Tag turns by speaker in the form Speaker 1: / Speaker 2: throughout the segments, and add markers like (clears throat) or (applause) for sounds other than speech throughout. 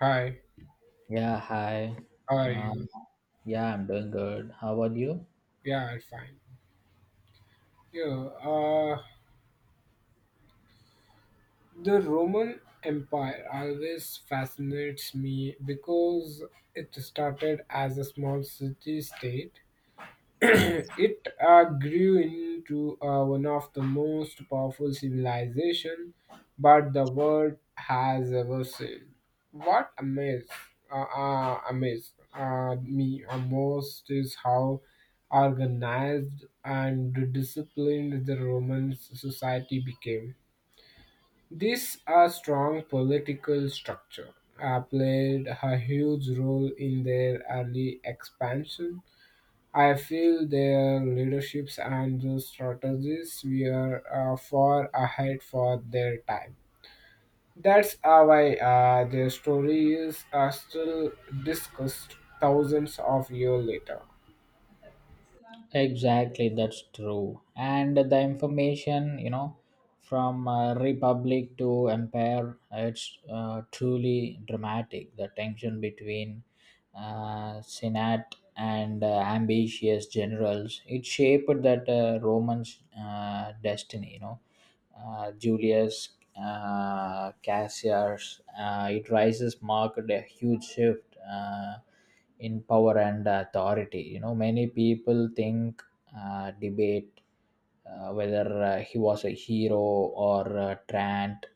Speaker 1: Hi,
Speaker 2: Yeah, hi.
Speaker 1: how are you?
Speaker 2: Um, yeah, I'm doing good. How about you?
Speaker 1: Yeah, I'm fine. Yeah, uh, the Roman Empire always fascinates me because it started as a small city state. It grew into one of the most powerful civilization but the world has ever seen. What amazed me most is how organized and disciplined the Roman society became. This strong political structure played a huge role in their early expansion. I feel their leaderships and the strategies were far ahead for their time. That's why their stories are still discussed thousands of years later.
Speaker 2: Exactly, that's true. And the information, you know, from Republic to Empire, it's truly dramatic. The tension between senate, and ambitious generals. It shaped that Roman's destiny. You know, Julius Caesar's it rises marked a huge shift in power and authority. You know, many people think, debate whether he was a hero or a tyrant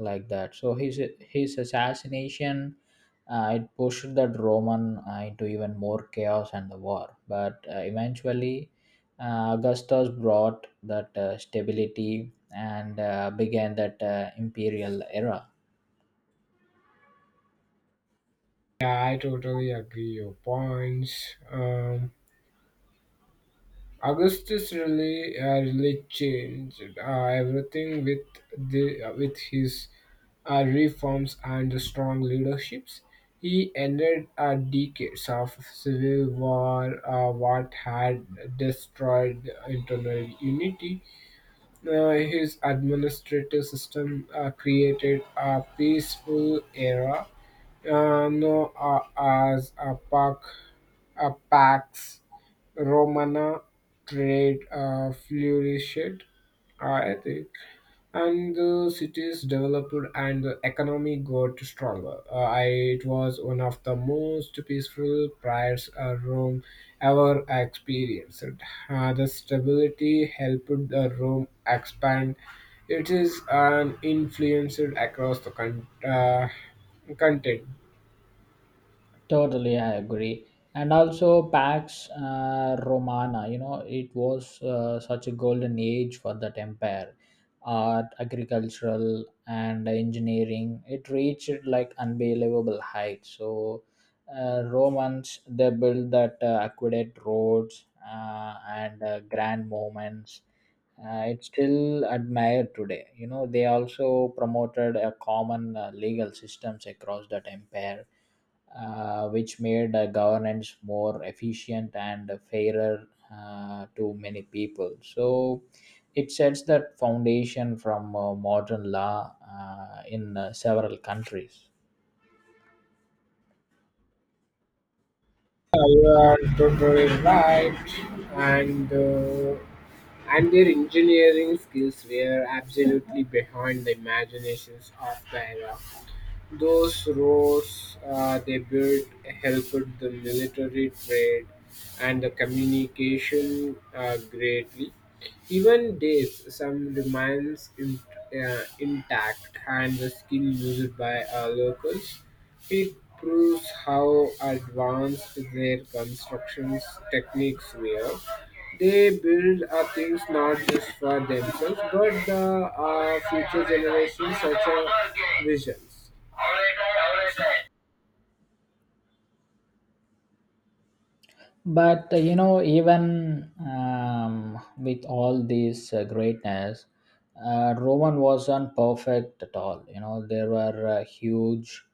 Speaker 2: like that, so his assassination, it pushed the Roman into even more chaos and the war. But eventually, Augustus brought that stability and began that imperial era.
Speaker 1: Yeah, I totally agree your points. Augustus really changed everything with the with his reforms and strong leaderships. He ended decades of civil war, what had destroyed internal unity. His administrative system created a peaceful era, known as a pax Romana trade flourished, I think, and the cities developed and the economy got stronger. I, it was one of the most peaceful priors Rome ever experienced. The stability helped the Rome expand. It is an influenced across the content.
Speaker 2: Totally, I agree. And also, Pax Romana, you know, it was such a golden age for that empire. Art, agricultural, and engineering, it reached like unbelievable heights. So, Romans, they built that aqueduct roads and grand monuments. It's still admired today. You know, they also promoted a common legal systems across that empire, which made governance more efficient and fairer to many people. So it sets that foundation from modern law in several countries.
Speaker 1: Yeah, you are totally right, and uh, and their engineering skills were absolutely behind the imaginations of the era. Those roads they built helped the military trade and the communication greatly. Even days, some remains in, intact, and the skill used by locals. It proves how advanced their constructions techniques were. They build things not just for themselves, but the future generations, such as visions.
Speaker 2: But you know, even with all this greatness, Roman wasn't perfect at all. You know, there were huge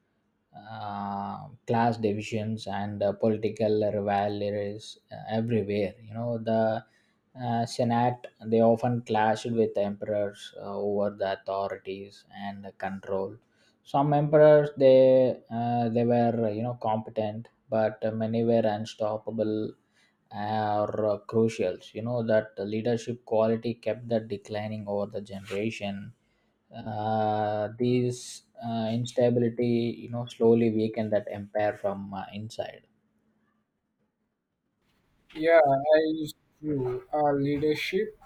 Speaker 2: class divisions and political rivalries everywhere. You know, the senate, they often clashed with emperors over the authorities and the control. Some emperors, they were, you know, competent, but many were unstoppable or crucial. You know that leadership quality kept that declining over the generation. These instability, you know, slowly weakened that empire from inside.
Speaker 1: Yeah, it's true. A leadership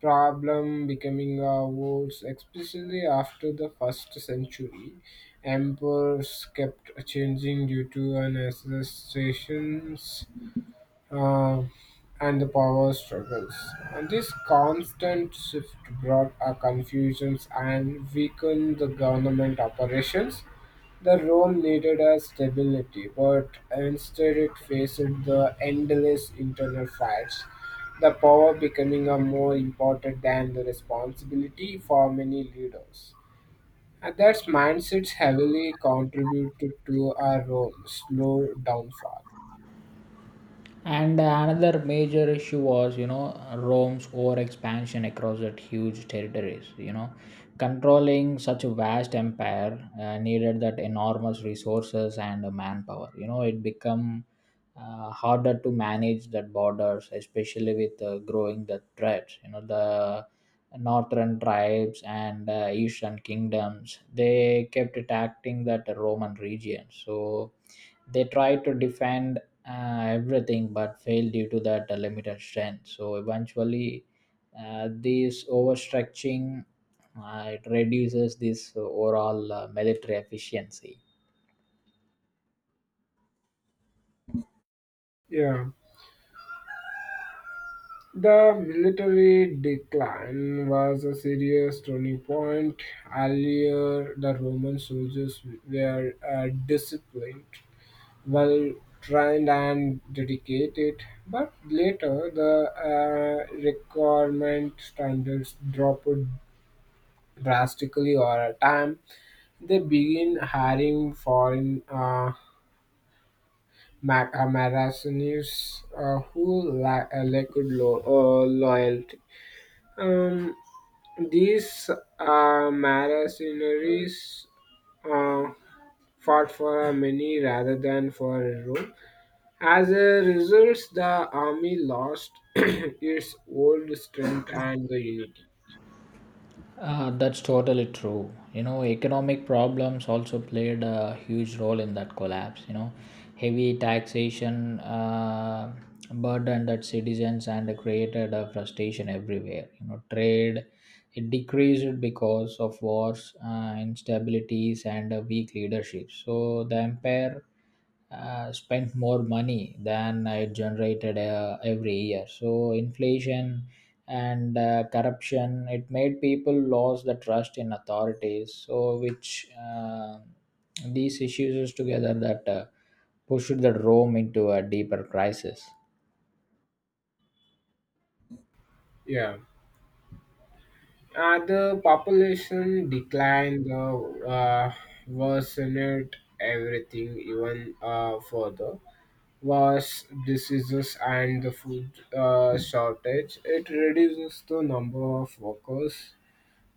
Speaker 1: problem becoming a worse, especially after the first century. Emperors kept changing due to an associations uh, and the power struggles. And this constant shift brought a confusions and weakened the government operations. The Rome needed a stability, but instead it faced the endless internal fights. The power becoming a more important than the responsibility for many leaders. And that mindset heavily contributed to our Rome's slow downfall.
Speaker 2: And another major issue was, you know, Rome's overexpansion across that huge territories. You know, controlling such a vast empire needed that enormous resources and manpower. You know, it become harder to manage that borders, especially with growing the threats. You know, the northern tribes and eastern kingdoms, they kept attacking that Roman region. So they tried to defend everything, but failed due to that limited strength. So eventually, this overstretching, it reduces this overall military efficiency.
Speaker 1: Yeah. The military decline was a serious turning point. Earlier, the Roman soldiers were disciplined, well trained, and dedicated, but later the requirement standards dropped drastically over time. They began hiring foreign mercenaries who lacked loyalty. Um, These Mara uh, fought for a many rather than for a Rome. As a result, the army lost (clears throat) its old strength and the unity.
Speaker 2: That's totally true. You know, economic problems also played a huge role in that collapse. You know, heavy taxation burdened that citizens and created a frustration everywhere. You know, trade, it decreased because of wars, instabilities, and weak leadership. So the empire spent more money than it generated every year. So inflation and corruption, it made people lose the trust in authorities, so which, these issues is together that pushed the Rome into a deeper crisis.
Speaker 1: Yeah. The population declined, the uh, worsened everything even further. Was diseases and the food shortage. It reduces the number of workers.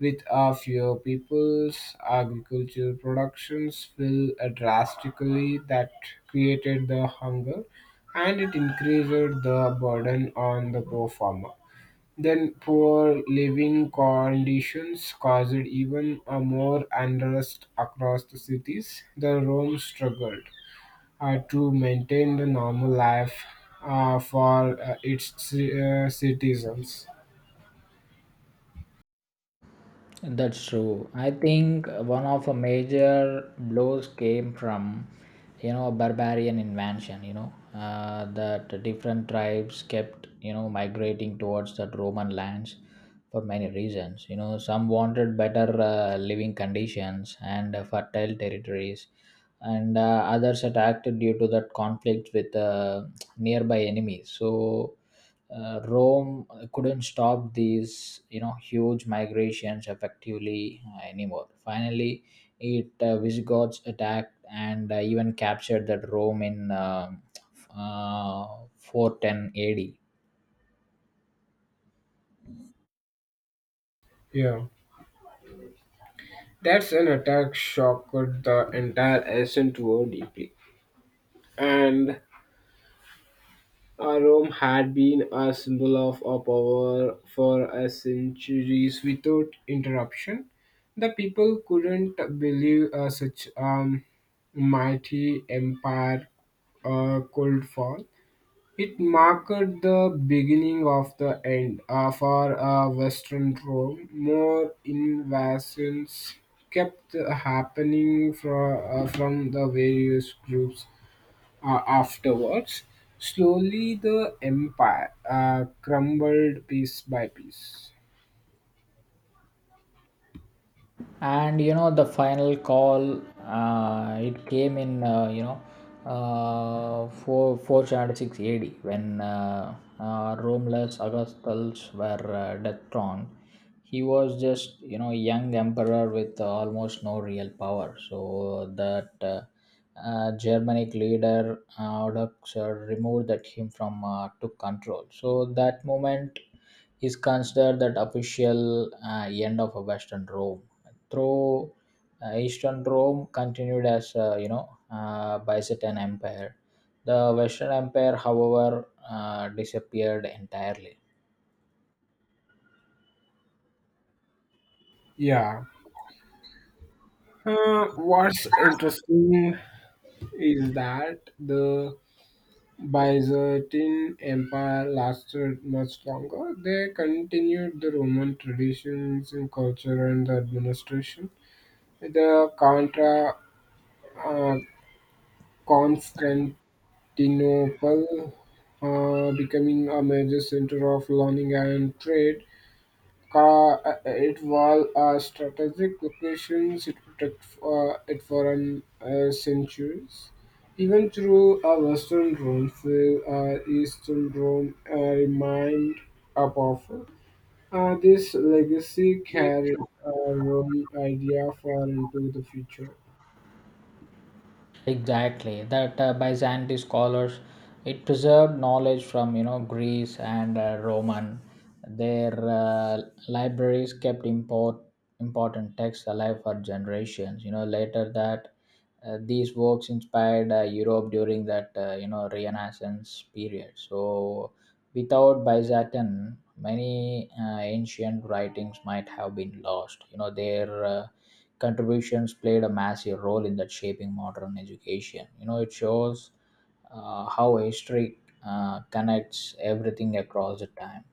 Speaker 1: With a fewer peoples, agricultural productions fell drastically that created the hunger and it increased the burden on the poor farmer. Then poor living conditions caused even a more unrest across the cities. The Rome struggled to maintain the normal life for its citizens.
Speaker 2: That's true. I think one of the major blows came from, you know, barbarian invasion. You know, that different tribes kept, you know, migrating towards that Roman lands for many reasons. You know, some wanted better living conditions and fertile territories, and others attacked due to that conflict with nearby enemies. So Rome couldn't stop these, you know, huge migrations effectively anymore. Finally, it, Visigoths attacked and even captured that Rome in uh, 410 AD.
Speaker 1: Yeah. That's an attack shocked the entire ancient world deeply. And Rome had been a symbol of our power for centuries without interruption. The people couldn't believe such a mighty empire could fall. It marked the beginning of the end for Western Rome. More invasions kept happening from the various groups afterwards. Slowly, the empire crumbled piece by piece.
Speaker 2: And you know the final call, it came in, you know, 4 476 AD when Romulus Augustulus were death throned. He was just, you know, a young emperor with almost no real power. So that Germanic leader, Audoxer, removed that him from, took control. So that moment is considered that official end of a Western Rome through. Eastern Rome continued as, you know, Byzantine Empire. The Western Empire, however, disappeared entirely.
Speaker 1: Yeah. What's interesting is that the Byzantine Empire lasted much longer. They continued the Roman traditions in culture and the administration. The Contra uh, Constantinople becoming a major center of learning and trade. Ca- it was a strategic location it protected it for an, centuries. Even through a Western Rome, the Eastern Rome remained a powerful. This legacy carried Rome idea far into the future.
Speaker 2: Exactly, that Byzantine scholars, it preserved knowledge from, you know, Greece and Roman. Their libraries kept important texts alive for generations. You know, later that, these works inspired Europe during that, you know, Renaissance period. So without Byzantine, many ancient writings might have been lost. You know, their contributions played a massive role in that shaping modern education. You know, it shows how history connects everything across the time.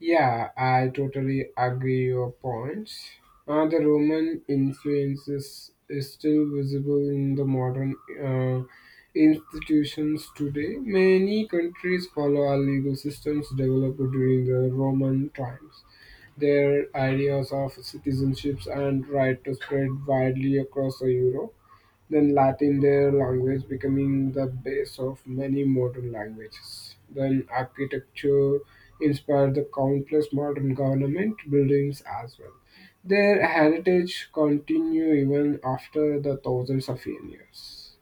Speaker 1: Yeah, I totally agree your points. The Roman influence is still visible in the modern uh, institutions today. Many countries follow our legal systems developed during the Roman times. Their ideas of citizenships and right to spread widely across Europe. Then Latin, their language, becoming the base of many modern languages. Then architecture inspired the countless modern government buildings as well. Their heritage continue even after the thousands of years.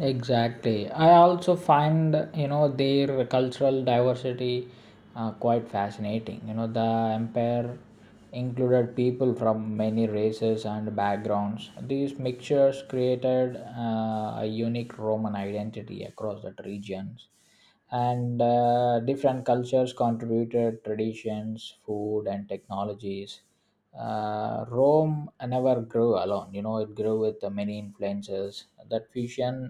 Speaker 2: Exactly. I also find, you know, their cultural diversity quite fascinating. You know, the empire included people from many races and backgrounds. These mixtures created a unique Roman identity across that regions. And different cultures contributed traditions, food, and technologies. Rome never grew alone. You know, it grew with many influences. That fusion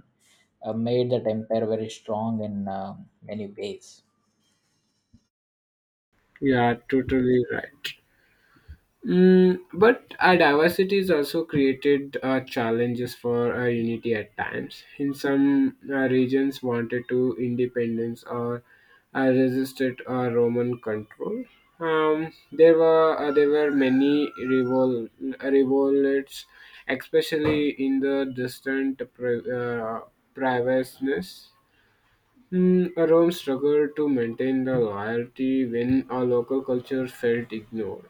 Speaker 2: made that empire very strong in many ways.
Speaker 1: Yeah, totally right. Mm, but our diversity has also created challenges for our unity at times. In some regions, wanted to independence or resisted Roman control. There were many revolts, especially in the distant privaceness. Mm, Rome struggled to maintain the loyalty when our local culture felt ignored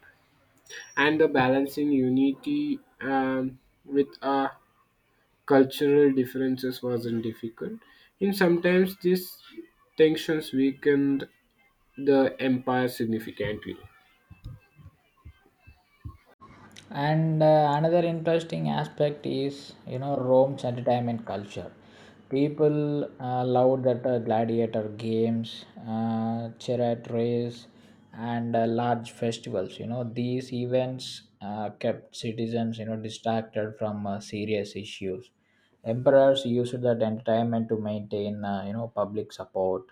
Speaker 1: and the balancing unity with cultural differences wasn't difficult. And sometimes these tensions weakened the empire significantly.
Speaker 2: And another interesting aspect is, you know, Rome's entertainment culture. People loved that gladiator games, chariot race, and large festivals. You know, these events kept citizens, you know, distracted from serious issues. Emperors used that entertainment to maintain, you know, public support,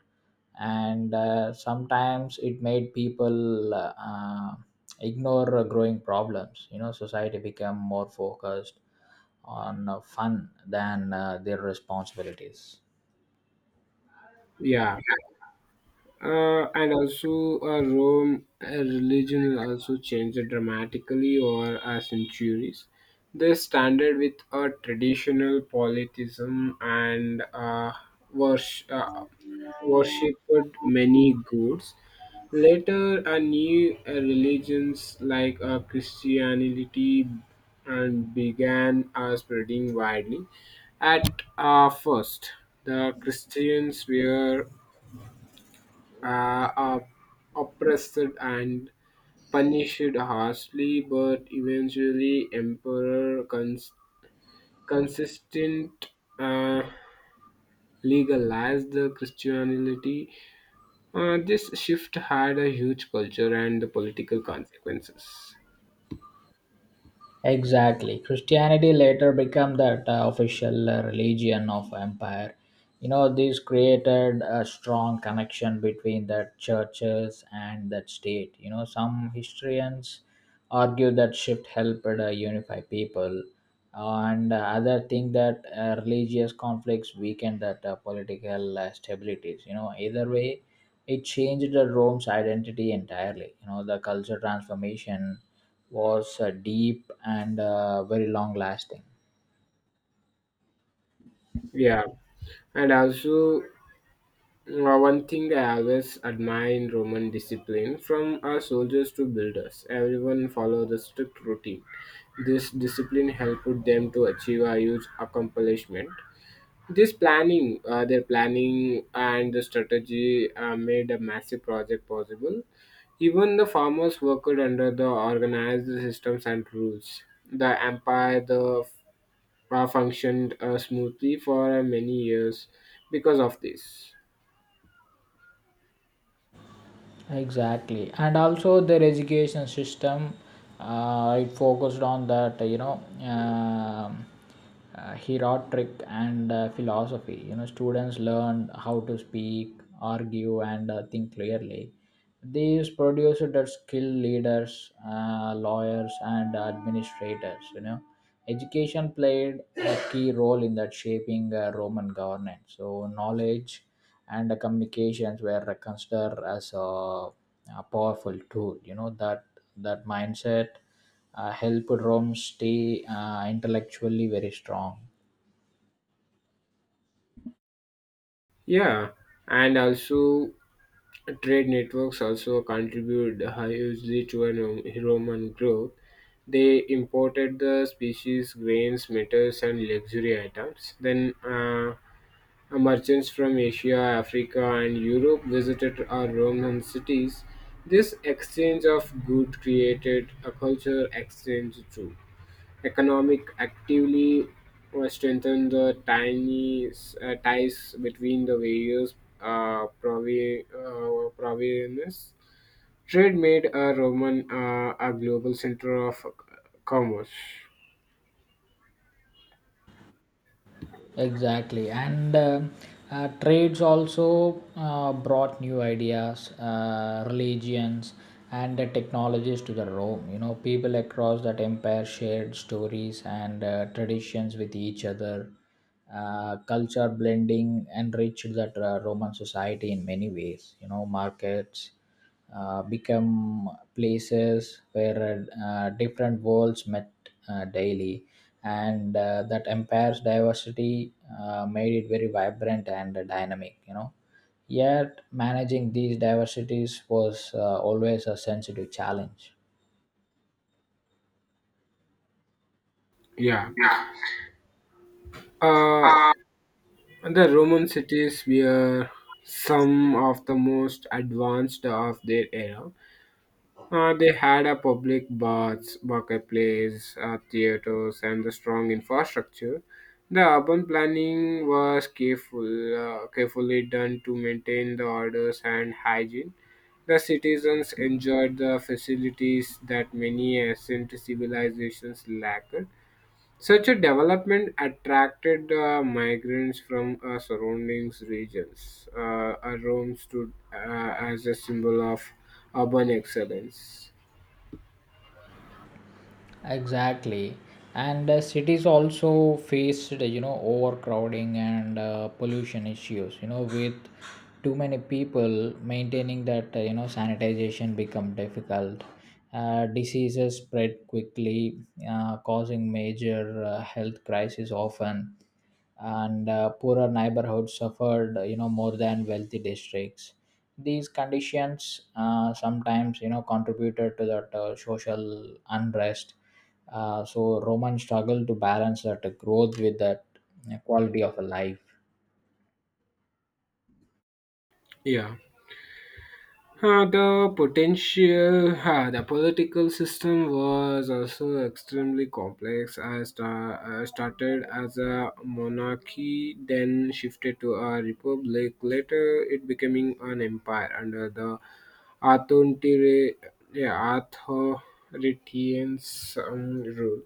Speaker 2: and sometimes it made people ignore growing problems. You know, society became more focused on fun than their responsibilities.
Speaker 1: Yeah. And also, Rome religion also changed dramatically over centuries. They standard with a traditional polytheism and worship, uh, worshipped many gods. Later, new religions like Christianity and began spreading widely. At first, the Christians were are oppressed and punished harshly, but eventually emperor consistent uh, legalized the Christianity. This shift had a huge culture and the political consequences.
Speaker 2: Exactly. Christianity later became that official religion of empire. You know, this created a strong connection between the churches and that state. You know, some historians argue that shift helped unify people, and other think that religious conflicts weakened that political stabilities. You know, either way, it changed the Rome's identity entirely. You know, the culture transformation was deep and very long lasting.
Speaker 1: Yeah, and also mm, one thing I always admire in Roman discipline, from our soldiers to builders, everyone followed the strict routine. This discipline helped them to achieve a huge accomplishment. This planning, their planning and the strategy made a massive project possible. Even the farmers worked under the organized systems and rules. The empire functioned smoothly for many years because of this.
Speaker 2: Exactly, and also their education system, it focused on that, you know, um heroic and philosophy. You know, students learned how to speak, argue, and think clearly. These produced that skilled leaders, lawyers, and administrators, you know. Education played a key role in that shaping Roman governance. So knowledge and communications were considered as a powerful tool. You know that that mindset helped Rome stay intellectually very strong.
Speaker 1: Yeah, and also trade networks also contribute hugely to an Roman growth. They imported the species, grains, metals, and luxury items. Then merchants from Asia, Africa, and Europe visited our Roman cities. This exchange of good created a culture exchange too economic actively strengthen the tiny ties between the various provinces. Trade made Roman a global center of commerce.
Speaker 2: Exactly, and trades also brought new ideas, religions, and the technologies to the Rome. You know, people across that empire shared stories and traditions with each other. Culture blending enriched that Roman society in many ways. You know, markets become places where different worlds met daily. And that empire's diversity made it very vibrant and dynamic, you know. Yet managing these diversities was always a sensitive challenge.
Speaker 1: Yeah. Uh, the Roman cities were some of the most advanced of their era. They had a public baths, marketplace, theaters, and a strong infrastructure. The urban planning was carefully done to maintain the orders and hygiene. The citizens enjoyed the facilities that many ancient civilizations lacked. Such a development attracted migrants from surrounding regions. Rome stood as a symbol of urban excellence.
Speaker 2: Exactly. And cities also faced, you know, overcrowding and pollution issues, you know, with too many people, maintaining that, you know, sanitization become difficult. Diseases spread quickly, causing major health crisis often, and poorer neighborhoods suffered, you know, more than wealthy districts. These conditions sometimes, you know, contributed to that social unrest. So Roman struggled to balance that growth with that quality of life.
Speaker 1: Yeah. The potential, the political system was also extremely complex. I started as a monarchy, then shifted to a republic. Later, it becoming an empire under the Arthur, yeah, Arthur Retians rule.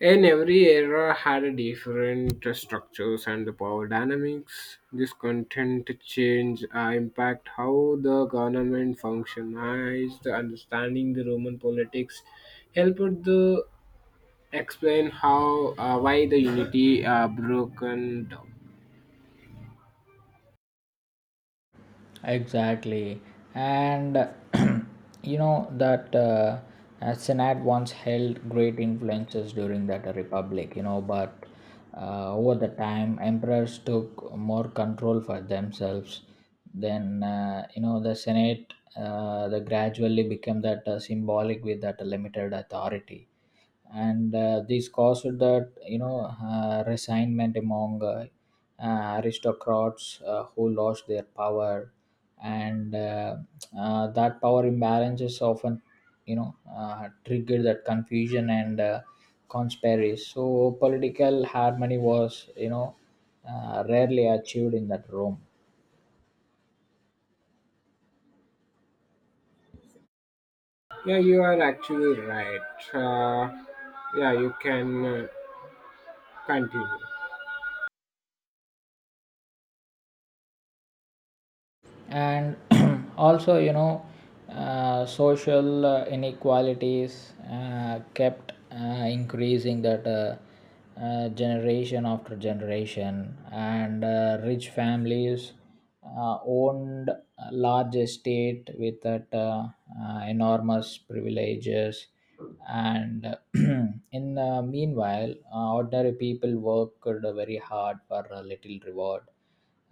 Speaker 1: And every era had a different structures and the power dynamics. This content change impact how the government functionized. Understanding the Roman politics helped to explain how why the unity broken down.
Speaker 2: Exactly. And (clears throat) you know that Senate once held great influences during that republic, you know, but over the time, emperors took more control for themselves. Then, you know, the Senate the gradually became that symbolic with that limited authority, and this caused that, you know, resignment among aristocrats who lost their power. And that power imbalances often, you know, triggered that confusion and conspiracy. So political harmony was, you know, rarely achieved in that room.
Speaker 1: Yeah, you are actually right. Yeah, you can continue.
Speaker 2: And (clears throat) also, you know, social inequalities kept increasing that generation after generation. And rich families owned a large estate with that enormous privileges. And (clears throat) in, meanwhile, ordinary people worked very hard for a little reward.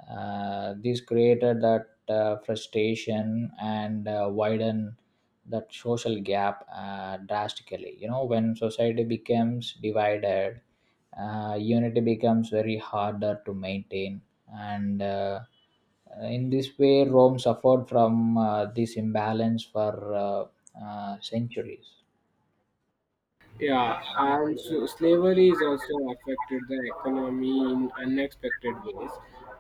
Speaker 2: This created that frustration and widen that social gap drastically. You know, when society becomes divided, unity becomes very harder to maintain, and in this way, Rome suffered from this imbalance for centuries.
Speaker 1: Yeah, and so slavery is also affected the economy in unexpected ways.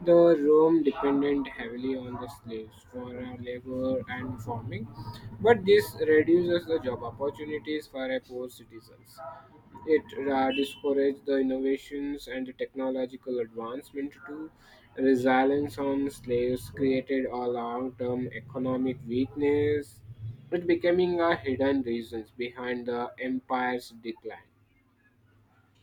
Speaker 1: The Rome depended heavily on the slaves for labor and farming, but this reduces the job opportunities for poor citizens. It discourages the innovations and the technological advancement to resilience on slaves created a long-term economic weakness, it becoming a hidden reasons behind the empire's decline.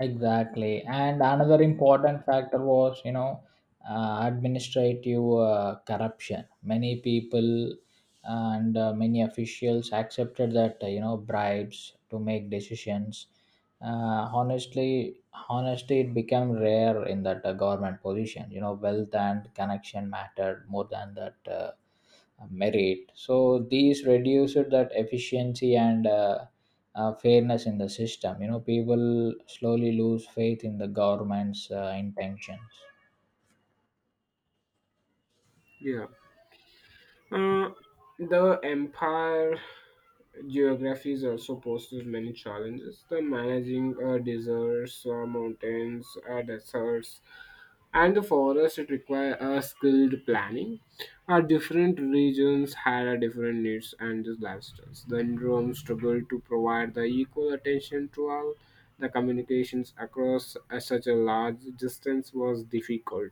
Speaker 2: Exactly. And another important factor was, you know, administrative corruption. Many people and many officials accepted that, you know, bribes to make decisions. Honestly, it became rare in that government position. You know, wealth and connection mattered more than that merit. So these reduced that efficiency and fairness in the system. You know, people slowly lose faith in the government's intentions.
Speaker 1: Yeah. Uh, the empire geographies also poses many challenges. The managing deserts, mountains, deserts, and the forest it require a skilled planning. Our different regions had a different needs and just lifestyles. The Indrum struggled to provide the equal attention to all. The communications across such a large distance was difficult.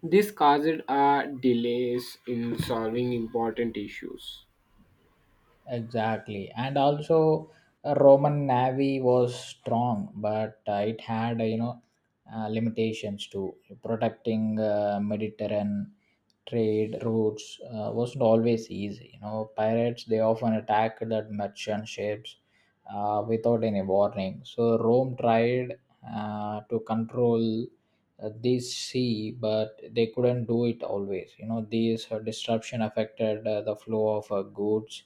Speaker 1: This caused delays in solving important issues.
Speaker 2: Exactly. And also, a Roman navy was strong, but it had, you know, limitations to protecting Mediterranean trade routes. Wasn't always easy. You know, pirates, they often attacked the merchant ships without any warning. So Rome tried to control this sea, but they couldn't do it always. You know, these disruption affected the flow of goods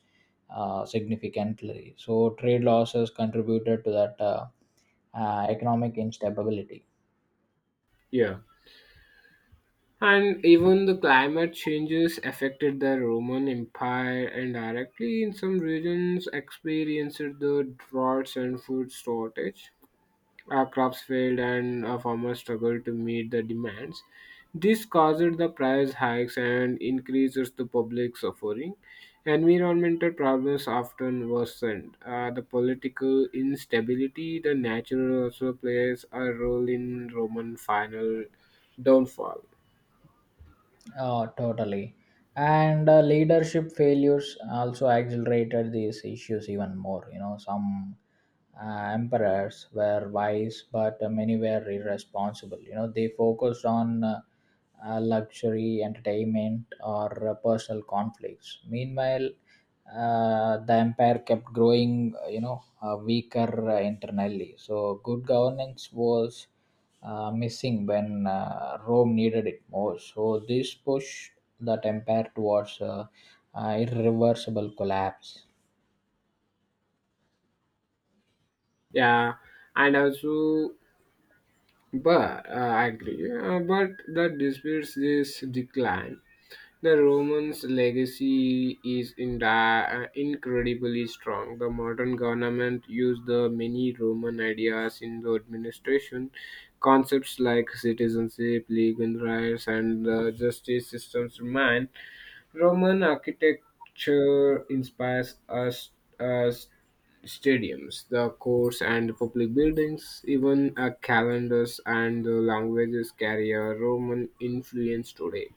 Speaker 2: significantly. So trade losses contributed to that economic instability.
Speaker 1: Yeah. And even the climate changes affected the Roman Empire indirectly. In some regions, experienced the droughts and food shortage. Our crops failed, and our farmers struggled to meet the demands. This caused the price hikes and increases the public suffering. Environmental problems often worsened. The political instability, the natural also plays a role in Roman final downfall.
Speaker 2: Oh, totally. And leadership failures also accelerated these issues even more. You know, some emperors were wise, but many were irresponsible. You know, they focused on luxury, entertainment, or personal conflicts. Meanwhile, the empire kept growing, you know, weaker internally. So, good governance was missing when Rome needed it most. So this pushed that empire towards irreversible collapse.
Speaker 1: Yeah, and also, but I agree. But that disputes this decline. The Romans' legacy is incredibly strong. The modern government used the many Roman ideas in the administration, concepts like citizenship, legal rights, and the justice systems remain. Roman architecture inspires us as stadiums, the courts, and public buildings, even calendars and the languages carry a Roman influence today.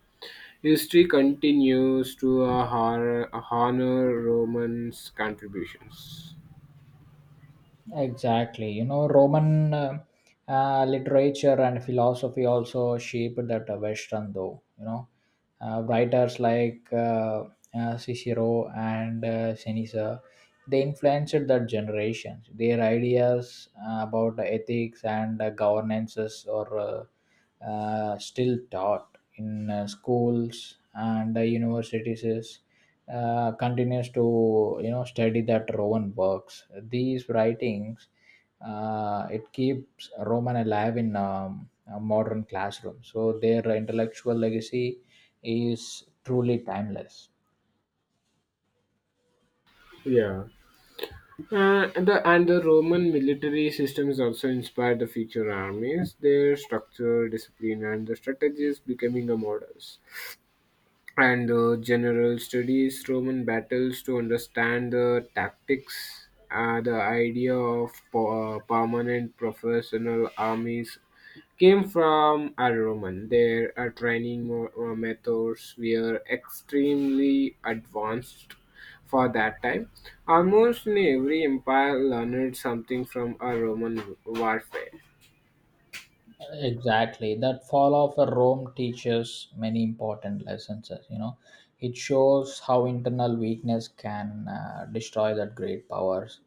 Speaker 1: History continues to honor Romans' contributions.
Speaker 2: Exactly. You know, Roman literature and philosophy also shaped that Western, though. You know, writers like Cicero and Seneca, they influenced that generation. Their ideas about ethics and governances are still taught in schools and universities. Continues to, you know, study that Roman works. These writings, it keeps Roman alive in, a modern classroom. So their intellectual legacy is truly timeless.
Speaker 1: Yeah, and the Roman military systems also inspired the future armies. Their structure, discipline, and the strategies becoming a models. And the general studies Roman battles to understand the tactics. The idea of permanent professional armies came from a Roman. Their training methods were extremely advanced for that time. Almost in every empire learned something from a Roman warfare.
Speaker 2: Exactly. That fall of a Rome teaches many important lessons. As you know, it shows how internal weakness can destroy that great powers.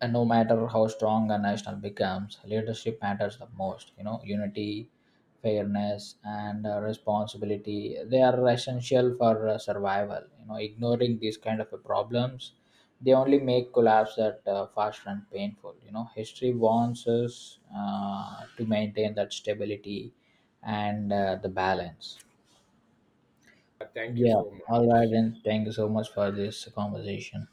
Speaker 2: And no matter how strong a national becomes, leadership matters the most. You know, unity, fairness, and responsibility, they are essential for survival. You know, ignoring these kind of problems, they only make collapse that faster and painful. You know, history warns us to maintain that stability and the balance.
Speaker 1: Thank you
Speaker 2: Yeah.
Speaker 1: so
Speaker 2: All right,
Speaker 1: much.
Speaker 2: then. Thank you so much for this conversation.